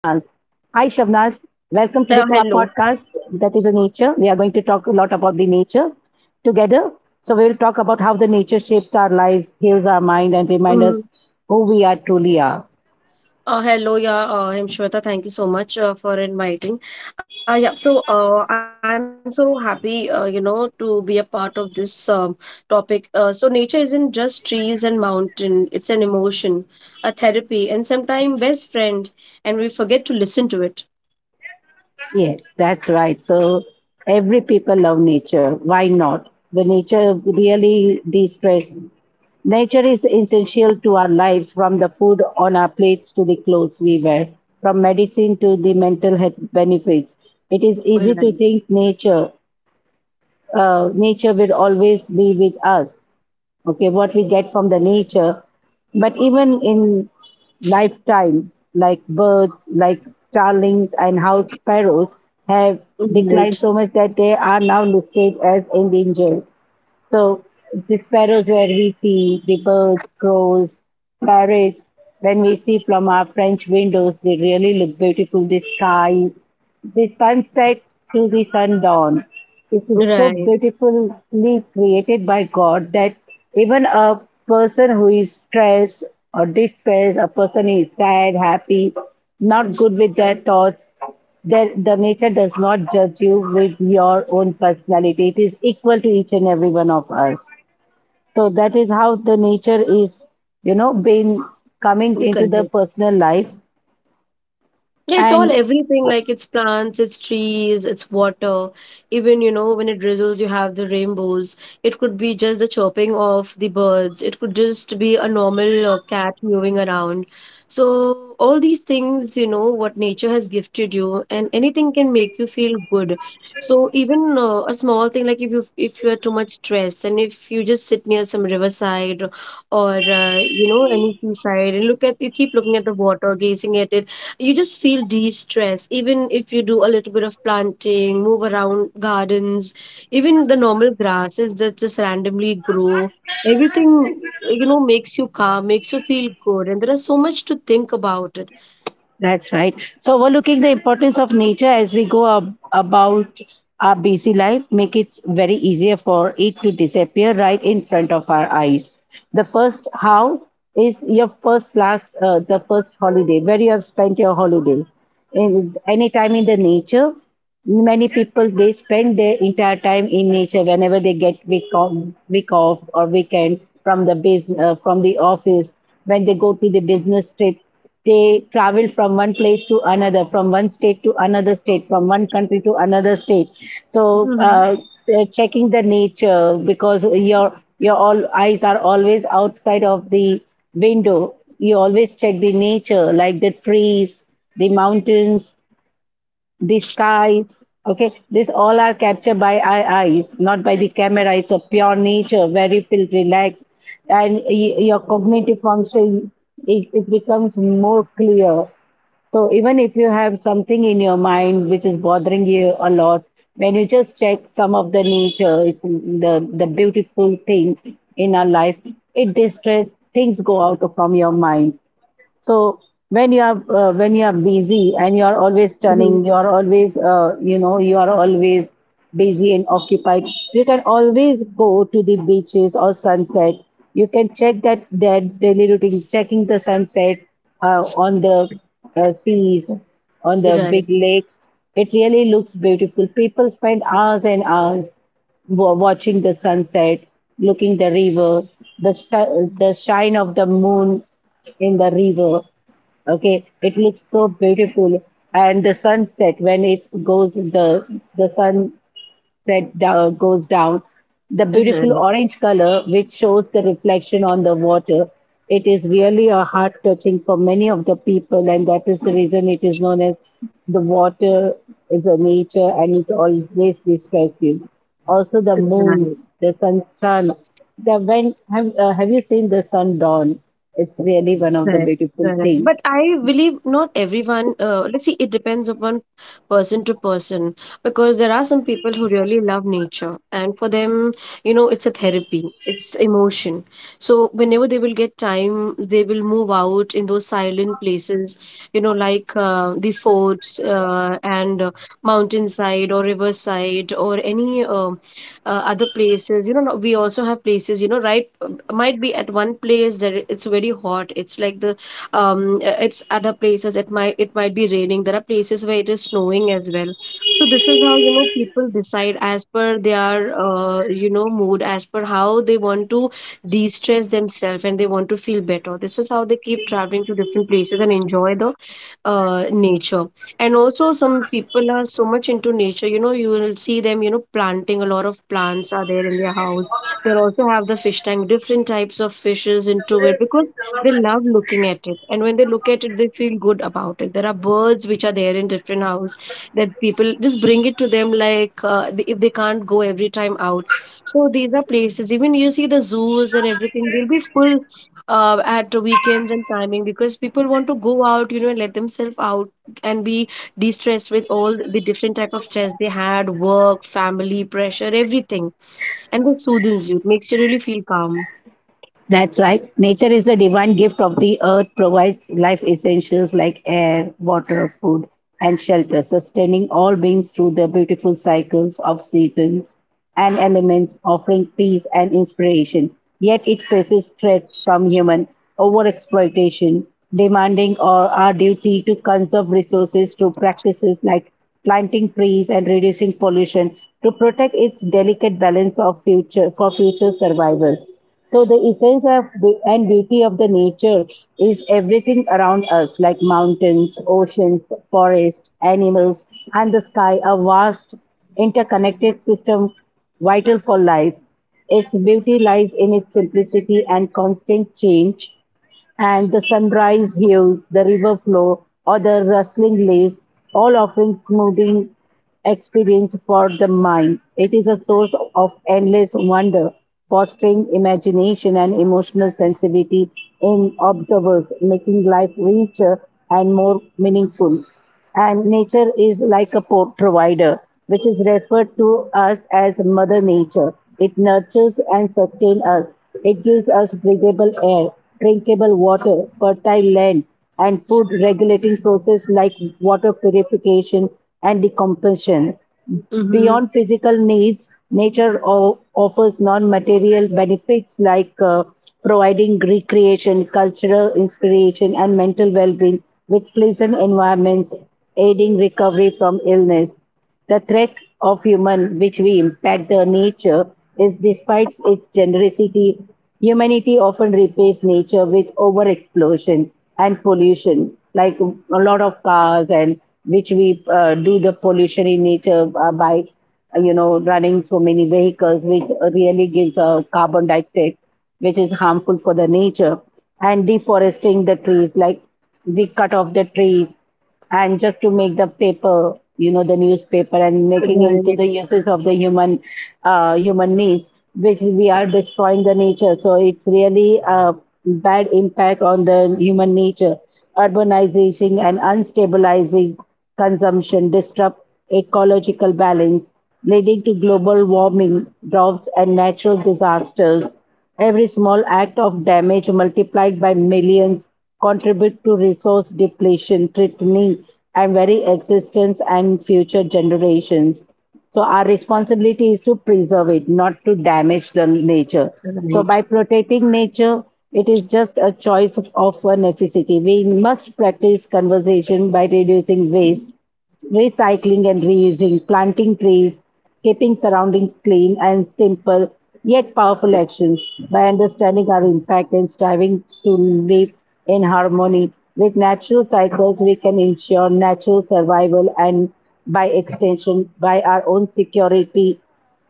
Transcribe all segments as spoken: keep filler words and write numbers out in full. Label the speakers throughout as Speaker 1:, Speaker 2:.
Speaker 1: Welcome
Speaker 2: Uh,
Speaker 1: today to our
Speaker 2: hello.
Speaker 1: podcast that is the nature. We are going to talk a lot about the nature together. So, we will talk about how the nature shapes our lives, heals our mind, and reminds us
Speaker 2: Mm.
Speaker 1: who we are truly are.
Speaker 2: Uh, hello, yeah, uh, I'm Shweta. Thank you so much uh, for inviting. Uh, yeah, so uh, I'm so happy, uh, you know, to be a part of this um, topic. Uh, so nature isn't just trees and mountain. It's an emotion, a therapy, and sometimes best friend, and we forget to listen to it.
Speaker 1: Yes, that's right. So every people love nature. Why not? The nature really de-stress. Nature is essential to our lives, from the food on our plates to the clothes we wear, from medicine to the mental health benefits. It is easy to think
Speaker 2: Right.
Speaker 1: nature, uh, nature will always be with us. Okay, what we get from the nature, but even in lifetime like birds like starlings and house sparrows have declined so much
Speaker 2: Right.
Speaker 1: that they are now listed as endangered. So the sparrows where we see the birds, crows, parrots, when we see from our French windows, they really look beautiful. The sky, the sunset to the sundown. It is so
Speaker 2: Right.
Speaker 1: beautifully created by God that even a person who is stressed or distressed, a person is sad, happy, not good with their thoughts, there, the nature does not judge you with your own personality. It is equal to each and every one of us. So that is how the nature is, you know, been coming into the
Speaker 2: Correct.
Speaker 1: personal life.
Speaker 2: Yeah, it's all
Speaker 1: And
Speaker 2: everything like it's plants, it's trees, it's water. Even, you know, when it drizzles, you have the rainbows. It could be just the chirping of the birds. It could just be a normal uh, cat moving around. So, all these things, you know, what nature has gifted you, and anything can make you feel good. So, even uh, a small thing, like if you if you are too much stressed, and if you just sit near some riverside or uh, you know any seaside and look at, you keep looking at the water, gazing at it, you just feel de-stress. Even if you do a little bit of planting, move around gardens, even the normal grasses that just randomly grow, everything, you know, makes you calm, makes you feel good, and there is so much to think about it.
Speaker 1: that's right. So overlooking the importance of nature as we go ab- about our busy life make it very easier for it to disappear right in front of our eyes. The first how is your first last uh, the first holiday where you have spent your holiday in any time in the nature. Many people they spend their entire time in nature whenever they get week off, week off or weekend from the business, uh, from the office. When they go to the business trip, they travel from one place to another, from one state to another state, from one country to another state. so
Speaker 2: Mm-hmm.
Speaker 1: uh, so checking the nature because your your all eyes are always outside of the window. You always check the nature like the trees, the mountains, the skies. Okay, this all are captured by our eyes, not by the camera. It's a pure nature, where you feel relaxed, and y- your cognitive function it, it becomes more clear. So even if you have something in your mind which is bothering you a lot, when you just check some of the nature, it's the the beautiful thing in our life, it distress, things go out from your mind. So when you are uh, when you are busy and you are always turning, you are always uh, you know you are always busy and occupied. You can always go to the beaches or sunset. You can check that their daily routine, checking the sunset uh, on the uh, seas, on the big
Speaker 2: Right.
Speaker 1: lakes. It really looks beautiful. People spend hours and hours wa- watching the sunset, looking the river, the shi- the shine of the moon in the river. Okay, it looks so beautiful, and the sunset when it goes the the sunset down, goes down, the beautiful
Speaker 2: Right.
Speaker 1: orange color which shows the reflection on the water. It is really a heart touching for many of the people, and that is the reason it is known as the water is a nature, and it always describes you. Also, the moon,
Speaker 2: Right.
Speaker 1: the sun, sun. The when have uh, have you seen the sun dawn? It's really one of the
Speaker 2: Correct,
Speaker 1: beautiful
Speaker 2: correct.
Speaker 1: things.
Speaker 2: But I believe not everyone, uh, let's see, it depends upon person to person, because there are some people who really love nature, and for them, you know, it's a therapy, it's emotion. So whenever they will get time, they will move out in those silent places, you know, like uh, the forts uh, and uh, mountainside or riverside, or any uh, uh, other places. You know, no- we also have places, you know, right, um, might be at one place that it's very hot. It's like the um uh, it's other places, it might, it might be raining. There are places where it is snowing as well. So this is how, you know, people decide as per their, uh, you know mood, as per how they want to de-stress themselves, and they want to feel better. This is how they keep traveling to different places and enjoy the uh, nature. And also some people are so much into nature, you know. You will see them, you know, planting a lot of plants are there in their house. They also have the fish tank, different types of fishes into it, because they love looking at it, and when they look at it they feel good about it. There are birds which are there in different house that people just bring it to them, like uh, they-, if they can't go every time out. So these are places, even you see the zoos and everything, they'll be full uh, at the weekends and timing, because people want to go out, you know, and let themselves out and be de-stressed with all the different type of stress they had, work, family pressure, everything. And this soothes you, it makes you really feel calm.
Speaker 1: That's right. Nature is the divine gift of the earth, provides life essentials like air, water, food, and shelter, sustaining all beings through the beautiful cycles of seasons and elements, offering peace and inspiration. Yet it faces threats from human overexploitation, demanding or our duty to conserve resources through practices like planting trees and reducing pollution to protect its delicate balance of future for future survival. So the essence of be- and beauty of the nature is everything around us, like mountains, oceans, forests, animals, and the sky, a vast interconnected system vital for life. Its beauty lies in its simplicity and constant change, and the sunrise hues, the river flow, or the rustling leaves, all offering smoothing experience for the mind. It is a source of endless wonder, fostering imagination and emotional sensitivity in observers, making life richer and more meaningful. And nature is like a po- provider, which is referred to us as Mother Nature. It nurtures and sustains us. It gives us breathable air, drinkable water, fertile land, and food regulating process like water purification and decomposition.
Speaker 2: Mm-hmm.
Speaker 1: Beyond physical needs, nature o- offers non material benefits like uh, providing recreation, cultural inspiration, and mental well being with pleasant environments, aiding recovery from illness. The threat of human, which we impact the nature, is despite its generosity, humanity often repays nature with overexplosion and pollution, like a lot of cars and which we uh, do the pollution in nature uh, by, uh, you know, running so many vehicles, which really gives a carbon dioxide, which is harmful for the nature, and deforesting the trees, like we cut off the trees and just to make the paper, you know, the newspaper and making into
Speaker 2: Right.
Speaker 1: the uses of the human, uh, human needs, which we are destroying the nature. So it's really a bad impact on the human nature. Urbanization and unstabilizing consumption disrupt ecological balance leading to global warming, droughts and natural disasters. Every small act of damage multiplied by millions contribute to resource depletion, threatening and very existence and future generations. So our responsibility is to preserve it, not to damage the nature. So
Speaker 2: Right.
Speaker 1: by protecting nature, it is just a choice of a necessity. We must practice conservation by reducing waste, recycling and reusing, planting trees, keeping surroundings clean, and simple yet powerful actions. By understanding our impact and striving to live in harmony with natural cycles, we can ensure natural survival and, by extension, by our own security,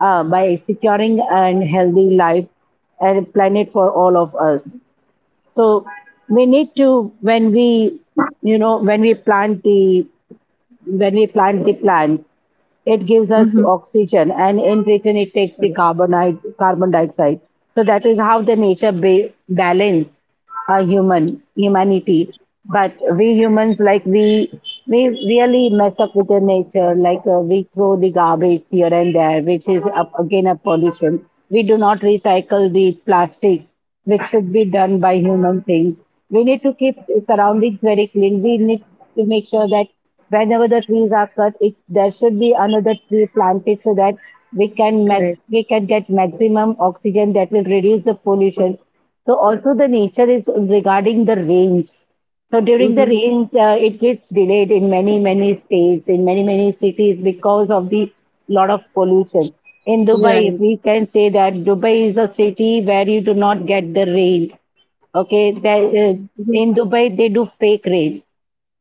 Speaker 1: uh, by securing an healthy life and planet for all of us. So we need to when we, you know, when we plant the, when we plant the plants, it gives
Speaker 2: Mm-hmm.
Speaker 1: us oxygen, and in return, it takes the carbonide, carbon dioxide. So that is how the nature ba- balance a human humanity. But we humans, like we, we really mess up with the nature. Like uh, we throw the garbage here and there, which is up, again a pollution. We do not recycle the plastic which should be done by human things. We need to keep surroundings very clean. We need to make sure that whenever the trees are cut, it, there should be another tree planted so that we can mag-
Speaker 2: Correct.
Speaker 1: we can get maximum oxygen that will reduce the pollution. So also the nature is regarding the range. So during the
Speaker 2: Mm-hmm.
Speaker 1: rains, uh, it gets delayed in many, many states, in many, many cities because of the lot of pollution. In Dubai,
Speaker 2: Right.
Speaker 1: we can say that Dubai is a city where you do not get the rain. Okay, that, uh,
Speaker 2: Mm-hmm.
Speaker 1: in Dubai they do fake rain.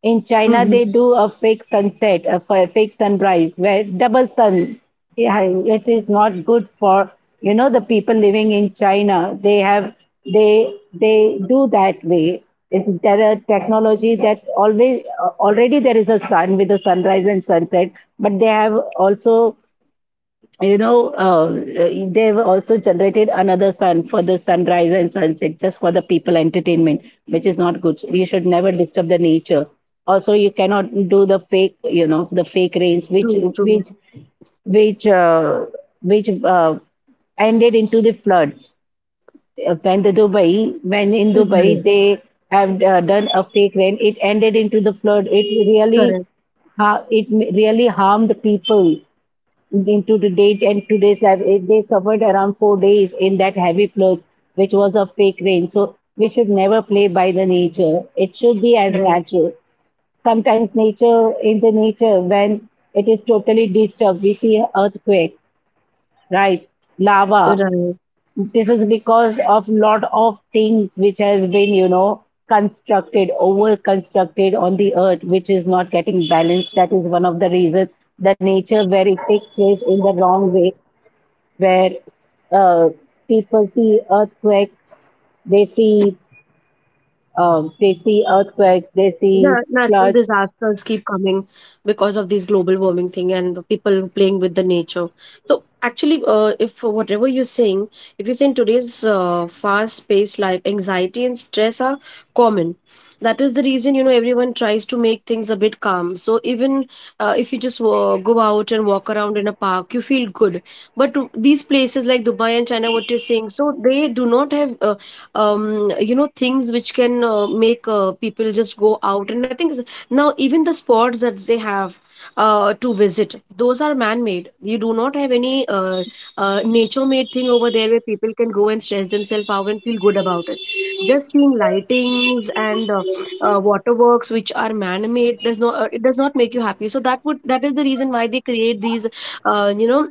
Speaker 1: In China, they
Speaker 2: Mm-hmm.
Speaker 1: do a fake sunset, a f- fake sunrise, where double sun. Yeah, it is not good for, you know, the people living in China. They have they they do that way. It's there a technology that always already there is a sun with a sunrise and sunset, but they have also, you know, uh, they've also generated another sun for the sunrise and sunset just for the people entertainment, which is not good. You should never disturb the nature. Also, you cannot do the fake, you know, the fake rains, which
Speaker 2: True,
Speaker 1: which
Speaker 2: true.
Speaker 1: which uh, which uh, ended into the floods. Uh, When the Dubai, when in Dubai
Speaker 2: Right.
Speaker 1: they have uh, done a fake rain, it ended into the flood. It really,
Speaker 2: Correct.
Speaker 1: ha- it really harmed people into the date and today's life, eh, they suffered around four days in that heavy flood, which was a fake rain. So we should never play by the nature. It should be as
Speaker 2: Correct.
Speaker 1: natural. Sometimes nature, in the nature, when it is totally disturbed, we see earthquake, right? Lava.
Speaker 2: Right.
Speaker 1: This is because of lot of things which has been, you know, constructed, over constructed on the earth, which is not getting balanced. That is one of the reasons the nature where it takes place in the wrong way where uh, people see earthquakes, they see um, they see earthquakes, they
Speaker 2: Yeah,
Speaker 1: see
Speaker 2: natural
Speaker 1: floods.
Speaker 2: disasters keep coming because of this global warming thing and people playing with the nature. So actually, uh, if whatever you're saying, if you say in today's uh, fast-paced life, anxiety and stress are common. That is the reason, you know, everyone tries to make things a bit calm. So even uh, if you just uh, go out and walk around in a park, you feel good. But these places like Dubai and China, what you're saying, so they do not have uh, um, you know, things which can uh, make uh, people just go out. And I think s- now even the spots that they have uh, to visit, those are man made. You do not have any uh, uh, nature made thing over there where people can go and stress themselves out and feel good about it. Just seeing lightings and uh, uh, waterworks which are man made does not, uh, it does not make you happy. So that would, that is the reason why they create these, uh, you know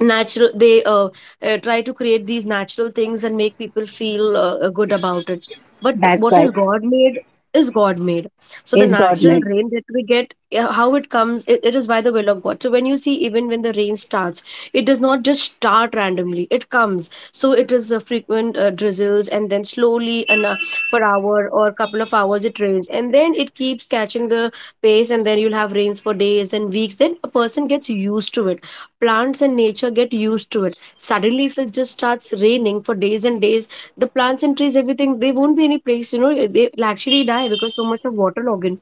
Speaker 2: natural, they uh, uh, try to create these natural things and make people feel uh, uh, good about it. But
Speaker 1: That's
Speaker 2: what is
Speaker 1: right.
Speaker 2: God made is God made. So the
Speaker 1: Is God
Speaker 2: natural
Speaker 1: made?
Speaker 2: rain that we get, uh, how it comes, it, it is by the will of God. So when you see, even when the rain starts, it does not just start randomly. It comes. So it is a frequent uh, drizzles, and then slowly, and uh, for hour or couple of hours, it rains, and then it keeps catching the pace, and then you'll have rains for days and weeks. Then a person gets used to it. Plants and nature get used to it. Suddenly if it just starts raining for days and days, the plants and trees, everything, they won't be any place, you know, they'll actually die because so much of water logging.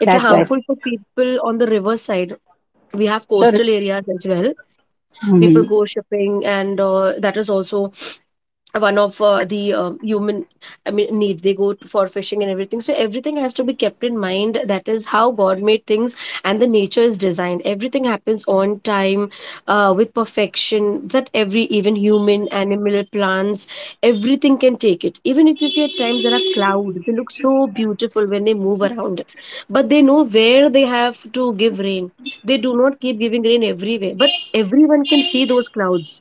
Speaker 2: It's
Speaker 1: That's right.
Speaker 2: harmful for people on the river side. We have
Speaker 1: So
Speaker 2: coastal areas as well. People
Speaker 1: mhm.
Speaker 2: go shipping, and uh, that is also one of uh, the uh, human, I mean, need. They go to- for fishing and everything. So everything has to be kept in mind. That is how God made things, and the nature is designed. Everything happens on time, uh, with perfection, that every, even human, animal, plants, everything can take it. Even if you see, at times there are clouds, they look so beautiful when they move around, but they know where they have to give rain. They do not keep giving rain everywhere, but everyone can see those clouds.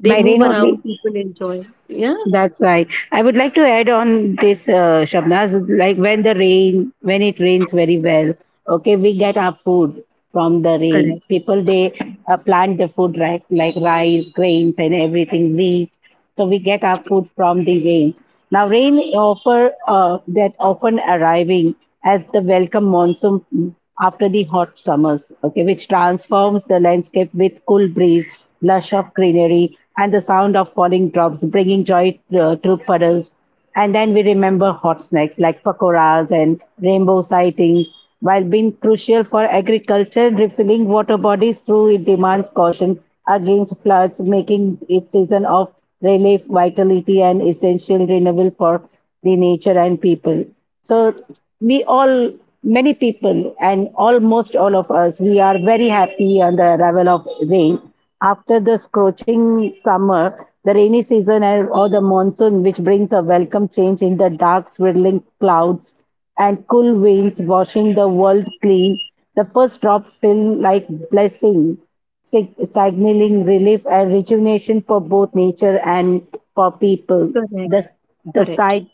Speaker 2: They
Speaker 1: by
Speaker 2: move
Speaker 1: rain
Speaker 2: around,
Speaker 1: only.
Speaker 2: people enjoy. Yeah.
Speaker 1: That's right. I would like to add on this, uh, Shabnaz, like when the rain, when it rains very well, okay, we get our food from the
Speaker 2: Correct,
Speaker 1: rain. People, they uh, plant the food right, like rice, grains and everything, wheat. So we get our food from the rains. Now, rain offer uh, that often arriving as the welcome monsoon after the hot summers, okay, which transforms the landscape with cool breeze, lush of greenery, and the sound of falling drops, bringing joy uh, through puddles. And then we remember hot snacks like pakoras and rainbow sightings. While being crucial for agriculture, refilling water bodies through it demands caution against floods, making it season of relief, vitality, and essential renewal for the nature and people. So we all, many people, and almost all of us, we are very happy on the arrival of rain. After the scorching summer, the rainy season and- or the monsoon, which brings a welcome change in the dark, swirling clouds and cool winds washing the world clean, the first drops feel like blessing sig- signaling relief and rejuvenation for both nature and for people.
Speaker 2: correct,
Speaker 1: The, the
Speaker 2: correct.
Speaker 1: site,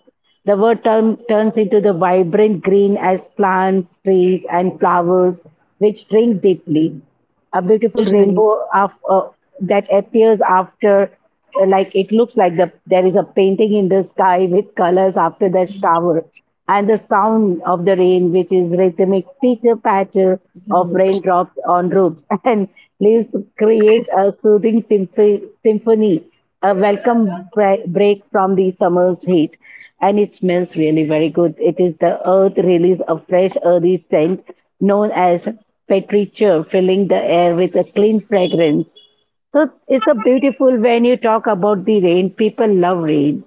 Speaker 1: the word turn, turns into the vibrant green as plants, trees, and flowers, which drink deeply. A beautiful
Speaker 2: Right, right.
Speaker 1: rainbow of, uh, that appears after, like it looks like the there is a painting in the sky with colors after the shower, and the sound of the rain, which is rhythmic pitter patter of
Speaker 2: Right.
Speaker 1: raindrops on roofs and leaves, create a soothing symph- symphony, a welcome bre- break from the summer's heat. And it smells really very good. It is the earth release a fresh earthy scent known as petrichor, filling the air with a clean fragrance. So it's a beautiful when you talk about the rain. People love rain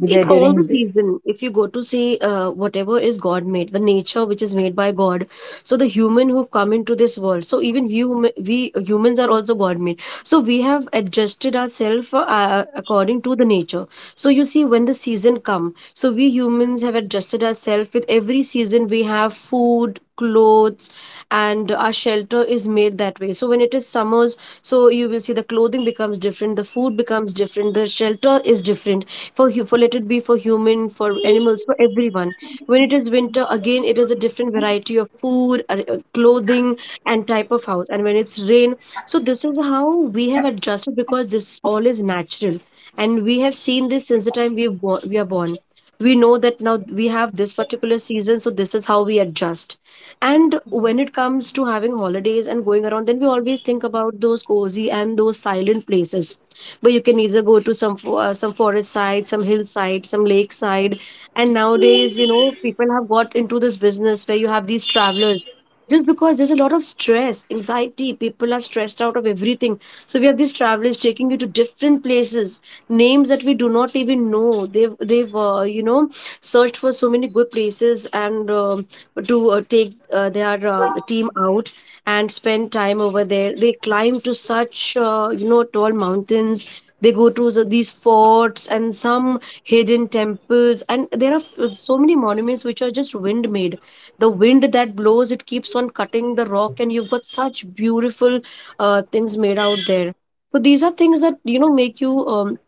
Speaker 1: with the-
Speaker 2: It's all the
Speaker 1: during the
Speaker 2: season, if you go to see, uh, whatever is God made, the nature which is made by God. So the human who come into this world, so even we, hum- we humans are also God made, so we have adjusted ourselves uh, according to the nature. So you see, when the season come, so we humans have adjusted ourselves. With every season we have food, clothes, and our shelter is made that way. So when it is summers, so you will see the clothing becomes different, the food becomes different, the shelter is different, for hu- for, let it be for human, for animals, for everyone. When it is winter, again it is a different variety of food, uh, uh, clothing, and type of house. And when it's rain, so this is how we have adjusted, because this all is natural, and we have seen this since the time we have bo- we are born. We know that now we have this particular season, so this is how we adjust. And when it comes to having holidays and going around, then we always think about those cozy and those silent places where you can either go to some fo- uh, some forest side, some hillside, some lake side. And nowadays, you know, people have got into this business where you have these travelers, just because there's a lot of stress, anxiety. People are stressed out of everything. So we have these travelers taking you to different places, names that we do not even know. They've they've uh, you know, searched for so many good places and. Um to uh, take uh, their uh, team out and spend time over there. They climb to such, uh, you know, tall mountains. They go to the- these forts and some hidden temples, and there are f- so many monuments which are just wind made. The wind that blows, it keeps on cutting the rock, and you've got such beautiful uh, things made out there. So these are things that, you know, make you um,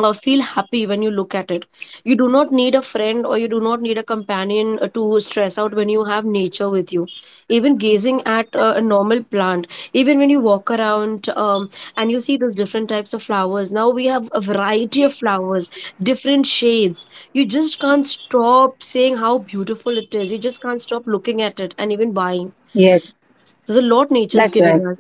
Speaker 2: uh, feel happy when you look at it. You do not need a friend, or you do not need a companion uh, to stress out when you have nature with you. Even gazing at uh, a normal plant, even when you walk around, um, and you see those different types of flowers, now we have a variety of flowers, different shades, you just can't stop saying how beautiful it is. You just can't stop looking at it, and even buying.
Speaker 1: yes,
Speaker 2: There's a lot
Speaker 1: that's
Speaker 2: nature's
Speaker 1: right.
Speaker 2: giving us.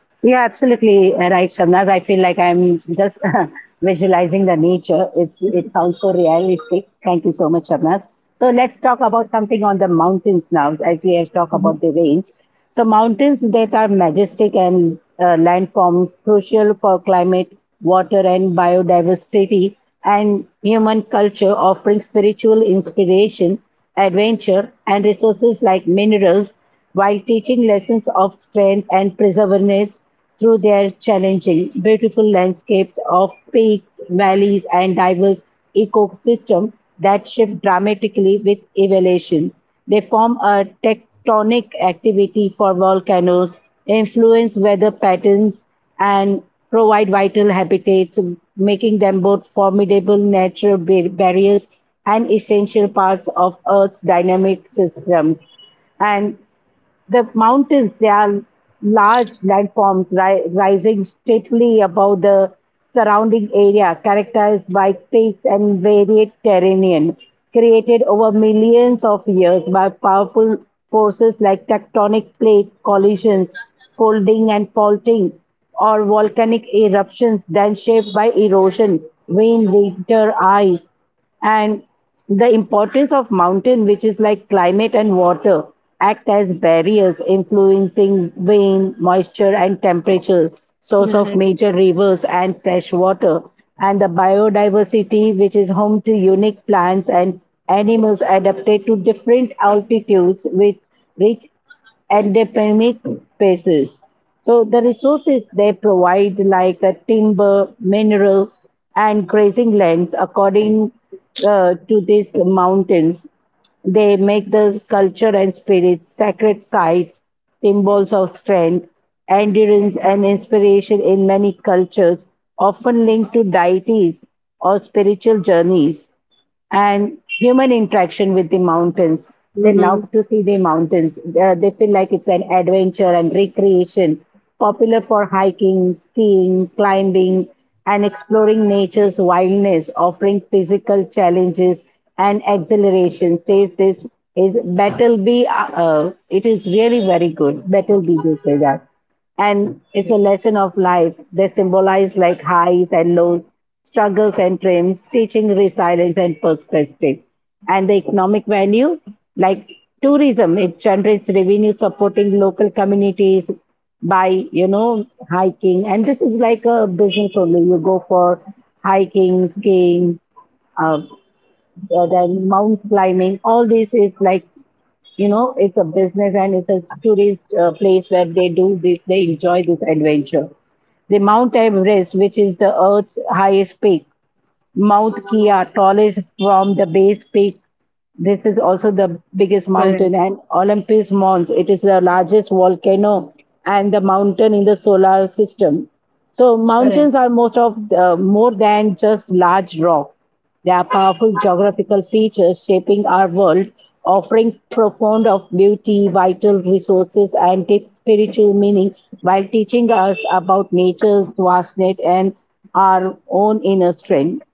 Speaker 1: Yeah, absolutely uh, right, Shabnaz. I feel like I'm just visualizing the nature. It, it sounds so realistic. Thank you so much, Shabnaz. So let's talk about something on the mountains now, as we have talked
Speaker 2: Mhm.
Speaker 1: about the rains. So mountains that are majestic and uh, landforms crucial for climate, water, and biodiversity, and human culture, offering spiritual inspiration, adventure, and resources like minerals, while teaching lessons of strength and perseverance through their challenging, beautiful landscapes of peaks, valleys, and diverse ecosystems that shift dramatically with elevation. They form a tectonic activity for volcanoes, influence weather patterns, and provide vital habitats, making them both formidable natural bar- barriers and essential parts of Earth's dynamic systems. And the mountains, they are large landforms ri- rising stately above the surrounding area, characterized by peaks and varied terrain, created over millions of years by powerful forces like tectonic plate collisions, folding and faulting, or volcanic eruptions, then shaped by erosion, wind, winter, ice, and the importance of mountain, which is like climate and water, act as barriers influencing wind, moisture and temperature, source of
Speaker 2: Right.
Speaker 1: major rivers and fresh water, and the biodiversity, which is home to unique plants and animals adapted to different altitudes with rich at the pandemic basis. So the resources they provide, like uh, timber, minerals and grazing lands, according uh, to these mountains. They make the culture and spirit sacred sites, symbols of strength, endurance and inspiration in many cultures, often linked to deities or spiritual journeys and human interaction with the mountains. They
Speaker 2: Mm-hmm.
Speaker 1: love to see the mountains. Uh, they feel like it's an adventure and recreation, popular for hiking, skiing, climbing, and exploring nature's wildness, offering physical challenges and exhilaration. Says this is Battleby. Uh, uh, it is really very good. Battleby, they say that, and it's a lesson of life. They symbolize like highs and lows, struggles and triumphs, teaching resilience and perspective. And the economic value, like tourism, it generates revenue supporting local communities by, you know, hiking. And this is like a business only. You go for hiking, skiing, uh, uh, then mount climbing. All this is like, you know, it's a business and it's a tourist uh, place where they do this, they enjoy this adventure. They mount Everest, which is the earth's highest peak. Mount Kia, tallest from the base peak. This is also the biggest mountain,
Speaker 2: Correct.
Speaker 1: and Olympus Mons. It is the largest volcano and the mountain in the solar system. So
Speaker 2: Correct.
Speaker 1: mountains are most of the, more than just large rocks. They are powerful geographical features shaping our world, offering profound of beauty, vital resources, and deep spiritual meaning, while teaching us about nature's vastness and our own inner strength.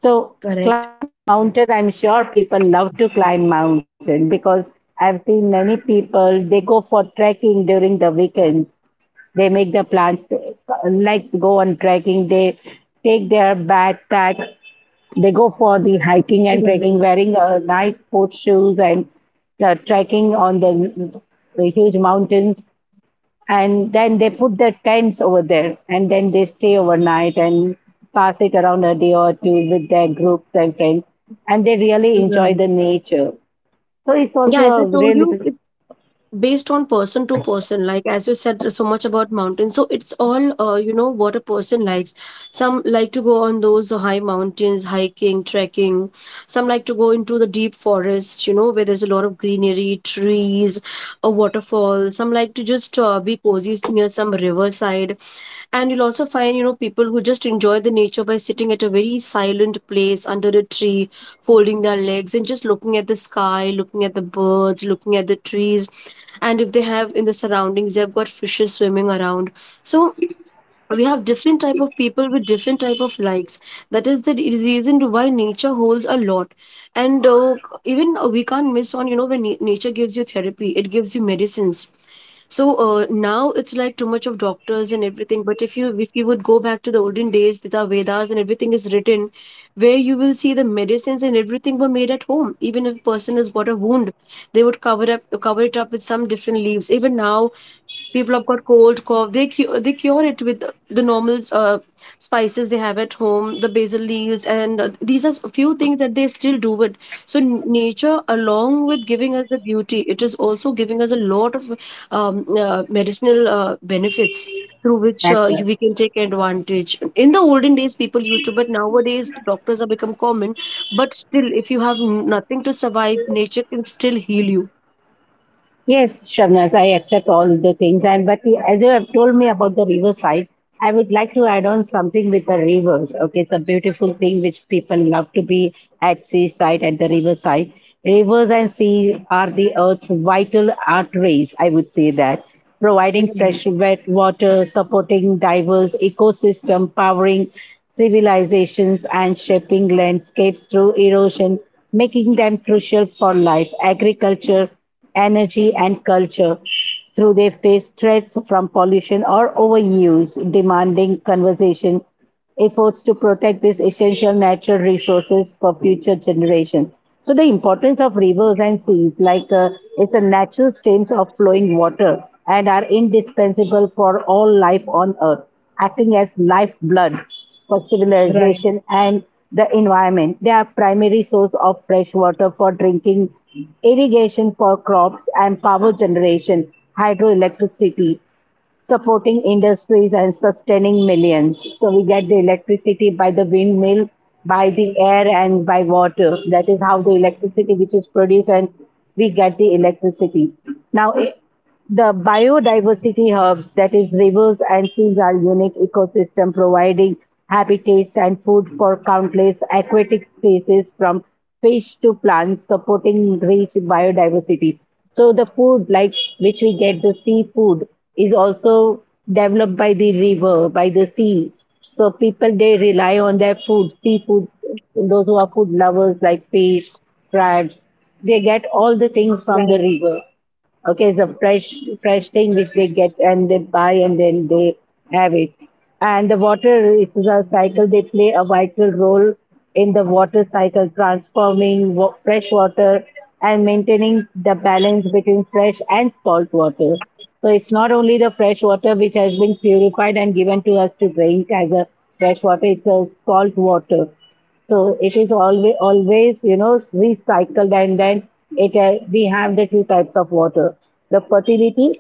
Speaker 1: So,
Speaker 2: Correct.
Speaker 1: mountain, I'm sure people love to climb mountain because I've seen many people, they go for trekking during the weekends. They make the plans, to- let's go on trekking. They take their backpack. They go for the hiking and
Speaker 2: Right.
Speaker 1: trekking, wearing a nice sports shoes and uh, trekking on the, the huge mountains. And then they put the tents over there and then they stay overnight and pass it around a day or two with their groups and friends. And they really enjoy
Speaker 2: Right.
Speaker 1: the nature. So it's also
Speaker 2: Yeah, as I
Speaker 1: a
Speaker 2: told
Speaker 1: really
Speaker 2: you, based on person to person. Like as you said so much about mountains, so it's all uh, you know, what a person likes. Some like to go on those high mountains hiking, trekking. Some like to go into the deep forest, you know, where there's a lot of greenery, trees, a waterfall. Some like to just uh, be cozy near some riverside. And you'll also find, you know, people who just enjoy the nature by sitting at a very silent place under a tree, folding their legs and just looking at the sky, looking at the birds, looking at the trees. And if they have in the surroundings, they've got fishes swimming around. So we have different type of people with different type of likes. That is the reason why nature holds a lot. And uh, even uh, we can't miss on, you know, when na- nature gives you therapy, it gives you medicines. So uh, now it's like too much of doctors and everything, but if you if you would go back to the olden days, the vedas and everything is written, where you will see the medicines and everything were made at home. Even if a person has got a wound, they would cover up cover it up with some different leaves. Even now people have got cold, cough, they cure, they cure it with the normal uh, spices they have at home, the basil leaves and uh, these are a few things that they still do it. So n- nature, along with giving us the beauty, it is also giving us a lot of um, uh, medicinal uh, benefits, through which uh,
Speaker 1: natural.
Speaker 2: you- we can take advantage. In the olden days people used to, but nowadays doctors have become common. But still, if you have n- nothing to survive, nature can still heal you.
Speaker 1: Yes, Shabnaz, I accept all the things. And but the- as you have told me about the riverside, I would like to add on something with the rivers. Okay, it's a beautiful thing which people love to be at seaside, at the riverside. Rivers and sea are the earth's vital arteries, I would say that, providing
Speaker 2: Right,
Speaker 1: fresh wet water, supporting diverse ecosystem, powering civilizations and shaping landscapes through erosion, making them crucial for life, agriculture, energy, and culture through they face threats from pollution or overuse, demanding conversation efforts to protect these essential natural resources for future generations. So the importance of rivers and seas, like uh, it's a natural streams of flowing water and are indispensable for all life on earth, acting as lifeblood for civilization and the environment. They are primary source of fresh water for drinking, irrigation for crops and power generation, hydroelectricity supporting industries and sustaining millions. So we get the electricity by the windmill, by the air, and by water. That is how the electricity which is produced, and we get the electricity. Now, i- the biodiversity hubs, that is rivers and seas, are unique ecosystem providing habitats and food for countless aquatic species from fish to plants, supporting rich biodiversity. So the food, like which we get the seafood, is also developed by the river, by the sea. So people they rely on their food, seafood. Those who are food lovers like fish, crabs, they get all the things from the
Speaker 2: right,
Speaker 1: river. Okay, it's a fresh fresh thing which they get and they buy and then they have it. And the water, it's a cycle. They play a vital role in the water cycle, transforming wa- fresh water and maintaining the balance between fresh and salt water. So it's not only the fresh water which has been purified and given to us to drink as a fresh water; it's a salt water, so it is always always, you know, recycled, and then it uh, we have the two types of water, the fertility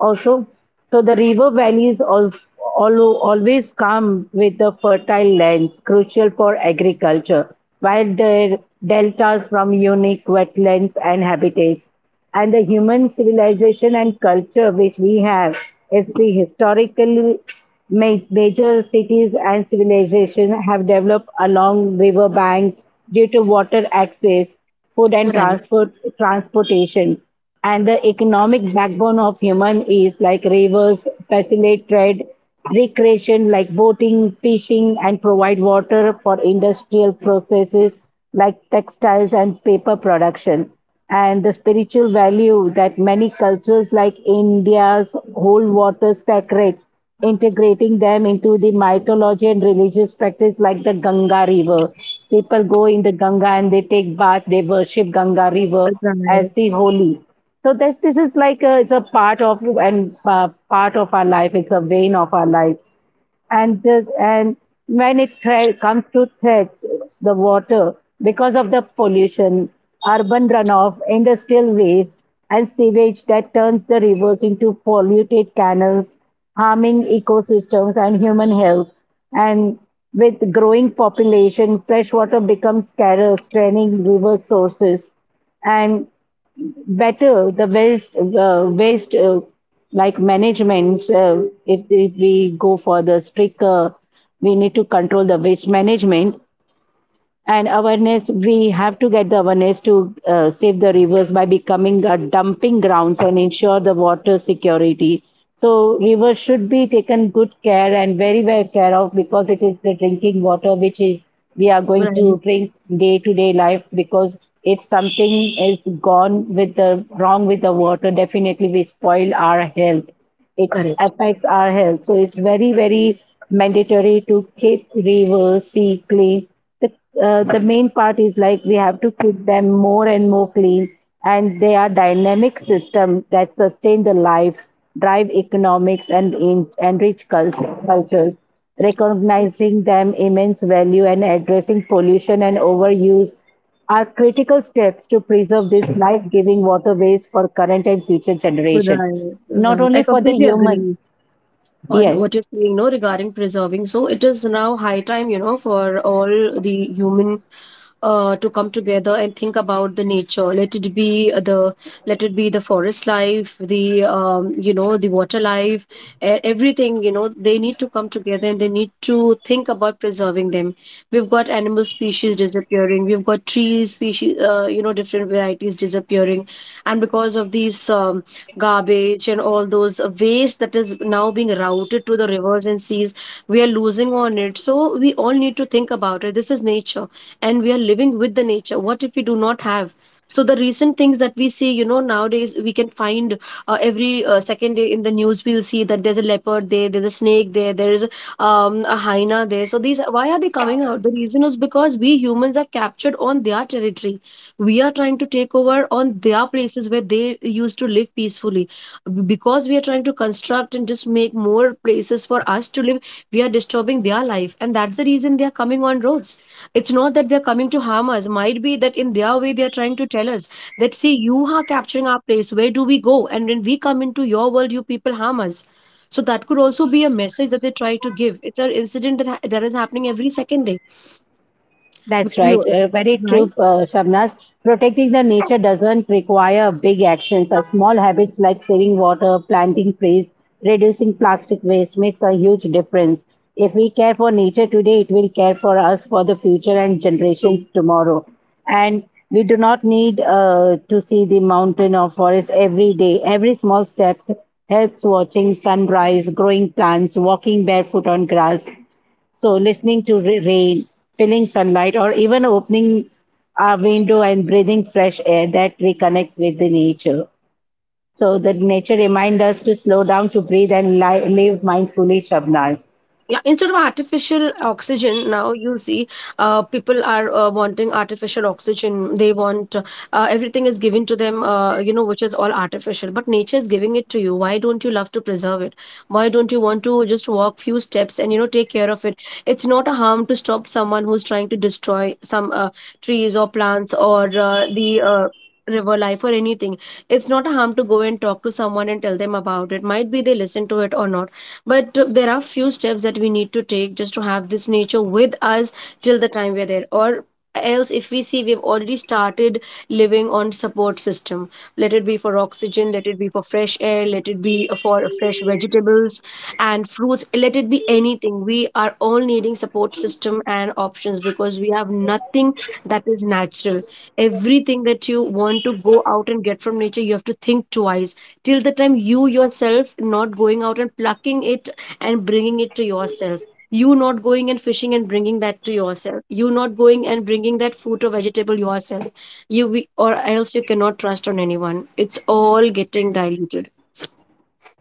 Speaker 1: also. So the river valleys all, all always come with the fertile lands crucial for agriculture, while the deltas from unique wetlands and habitats, and the human civilization and culture which we have is the historical ma- major cities and civilization have developed along river banks due to water access, food and
Speaker 2: right,
Speaker 1: transport, transportation, and the economic backbone of human is like rivers facilitate trade, recreation like boating, fishing, and provide water for industrial processes like textiles and paper production. And the spiritual value that many cultures like India's hold water sacred, integrating them into the mythology and religious practice like the Ganga River. People go in the Ganga and they take bath, they worship Ganga River
Speaker 2: right.
Speaker 1: as the holy. So that this is like a, it's a part of and uh, part of our life. It's a vein of our life, and this, and when it thre- comes to threats, the water because of the pollution, urban runoff, industrial waste, and sewage that turns the rivers into polluted canals, harming ecosystems and human health. And with growing population, fresh water becomes scarce, draining river sources, and better the waste uh, waste uh, like management uh, if, if we go for the stricter, we need to control the waste management and awareness, we have to get the awareness to uh, save the rivers by becoming a dumping grounds and ensure the water security. So rivers should be taken good care and very well care of, because it is the drinking water which is we are going to
Speaker 2: Right.
Speaker 1: drink day to day life, because if something is gone with the wrong with the water, definitely we spoil our health. It
Speaker 2: Correct.
Speaker 1: affects our health, so it's very very mandatory to keep rivers sea clean. The uh, the main part is like we have to keep them more and more clean, and they are dynamic system that sustain the life, drive economics and in, enrich cul- cultures, recognizing them immense value and addressing pollution and overuse are critical steps to preserve these life-giving waterways for current and future generation,
Speaker 2: Right,
Speaker 1: not
Speaker 2: right. I
Speaker 1: only for the
Speaker 2: completely
Speaker 1: human.
Speaker 2: agree on
Speaker 1: Yes.
Speaker 2: what you're saying, no, regarding preserving. So it is now high time, you know, for all the human uh, to come together and think about the nature. Let it be the let it be the forest life, the um, you know, the water life, e- everything. You know, they need to come together and they need to think about preserving them. We've got animal species disappearing. We've got trees species, uh, you know, different varieties disappearing, and because of these um, garbage and all those waste that is now being routed to the rivers and seas, we are losing on it. So we all need to think about it. This is nature, and we are living with the nature. What if we do not have? So the recent things that we see, you know, nowadays we can find uh, every uh, second day in the news we'll see that there's a leopard there, there's a snake there, there is um, a hyena there. So these, why are they coming out? The reason is because we humans are captured on their territory. We are trying to take over on their places where they used to live peacefully, because we are trying to construct and just make more places for us to live. We are disturbing their life, and that's the reason they are coming on roads. It's not that they're coming to harm us. Might be that in their way they're trying to tell us that, see, you are capturing our place, where do we go? And when we come into your world, you people harm us. So that could also be a message that they try to give. It's an incident that, ha- that is happening every second day. we
Speaker 1: That's
Speaker 2: we
Speaker 1: right. Uh,
Speaker 2: also,
Speaker 1: very true,
Speaker 2: right.
Speaker 1: uh, Shabnaz. Protecting the nature doesn't require big actions. Uh, small habits like saving water, planting trees, reducing plastic waste makes a huge difference. If we care for nature today, it will care for us for the future and
Speaker 2: So
Speaker 1: generations tomorrow. And we do not need uh, to see the mountain or forest every day. Every small steps helps watching sunrise, growing plants, walking barefoot on grass. So, listening to ra- rain, feeling sunlight, or even opening a window and breathing fresh air that reconnects with the nature. So, the nature reminds us to slow down, to breathe, and li- live mindfully, Shabnaz.
Speaker 2: yeah, instead of artificial oxygen, now you see, uh, people are uh, wanting artificial oxygen. They want uh, everything is given to them, uh, you know, which is all artificial. But nature is giving it to you, why don't you love to preserve it? Why don't you want to just walk few steps and, you know, take care of it? It's not a harm to stop someone who's trying to destroy some uh, trees or plants or uh, the uh, river life or anything. It's not a harm to go and talk to someone and tell them about it, might be they listen to it or not. But there are few steps that we need to take just to have this nature with us till the time we're there. Or else, if we see, we've already started living on support system. Let it be for oxygen, let it be for fresh air, let it be for fresh vegetables and fruits, let it be anything. We are all needing support system and options because we have nothing that is natural. Everything that you want to go out and get from nature, you have to think twice. Till the time you yourself not going out and plucking it and bringing it to yourself, you not going and fishing and bringing that to yourself, you not going and bringing that fruit or vegetable yourself, you we, or else you cannot trust on anyone. It's all getting diluted.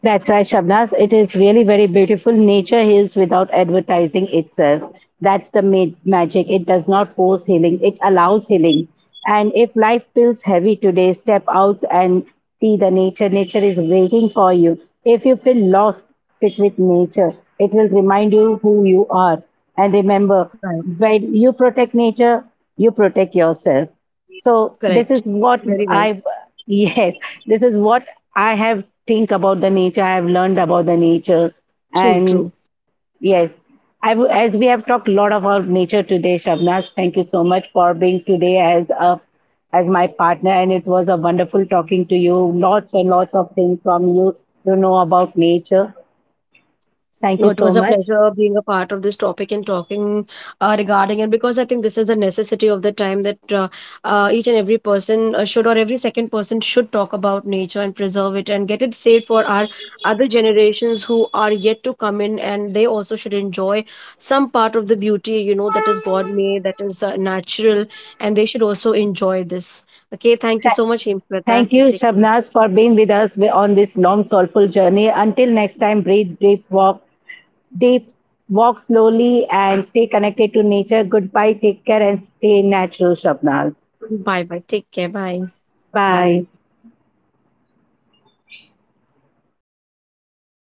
Speaker 1: That's right, Shabnaz. It is really very beautiful. Nature heals without advertising itself. That's the ma- magic. It does not force healing, it allows healing. And if life feels heavy today, step out and see the nature. Nature is waiting for you. If you feel lost, sit with nature. It will remind you who you are. And remember,
Speaker 2: Right,
Speaker 1: when you protect nature, you protect yourself. So this
Speaker 2: correct,
Speaker 1: is what
Speaker 2: very right.
Speaker 1: I yes, this is what I have think about the nature. I have learned about the nature,
Speaker 2: True,
Speaker 1: and
Speaker 2: true.
Speaker 1: yes, I w- as we have talked a lot about nature today, Shabnas. Thank you so much for being today as a as my partner, and it was a wonderful talking to you. Lots and lots of things from you to know about nature. Thank
Speaker 2: No,
Speaker 1: you
Speaker 2: it
Speaker 1: so
Speaker 2: was a
Speaker 1: much.
Speaker 2: pleasure being a part of this topic and talking uh, regarding it, because I think this is the necessity of the time, that uh, uh, each and every person uh, should, or every second person should talk about nature and preserve it and get it saved for our other generations who are yet to come in, and they also should enjoy some part of the beauty, you know, that is God made, that is uh, natural, and they should also enjoy this. Okay, thank you so much,
Speaker 1: Thank
Speaker 2: Himshweta.
Speaker 1: you,
Speaker 2: Take care.
Speaker 1: Shabnaz, for being with us on this long, soulful journey. Until next time, breathe, deep, walk, they walk slowly and stay connected to nature. Goodbye, take care, and stay natural, Shabnaz.
Speaker 2: Bye bye. Take care. Bye.
Speaker 1: Bye.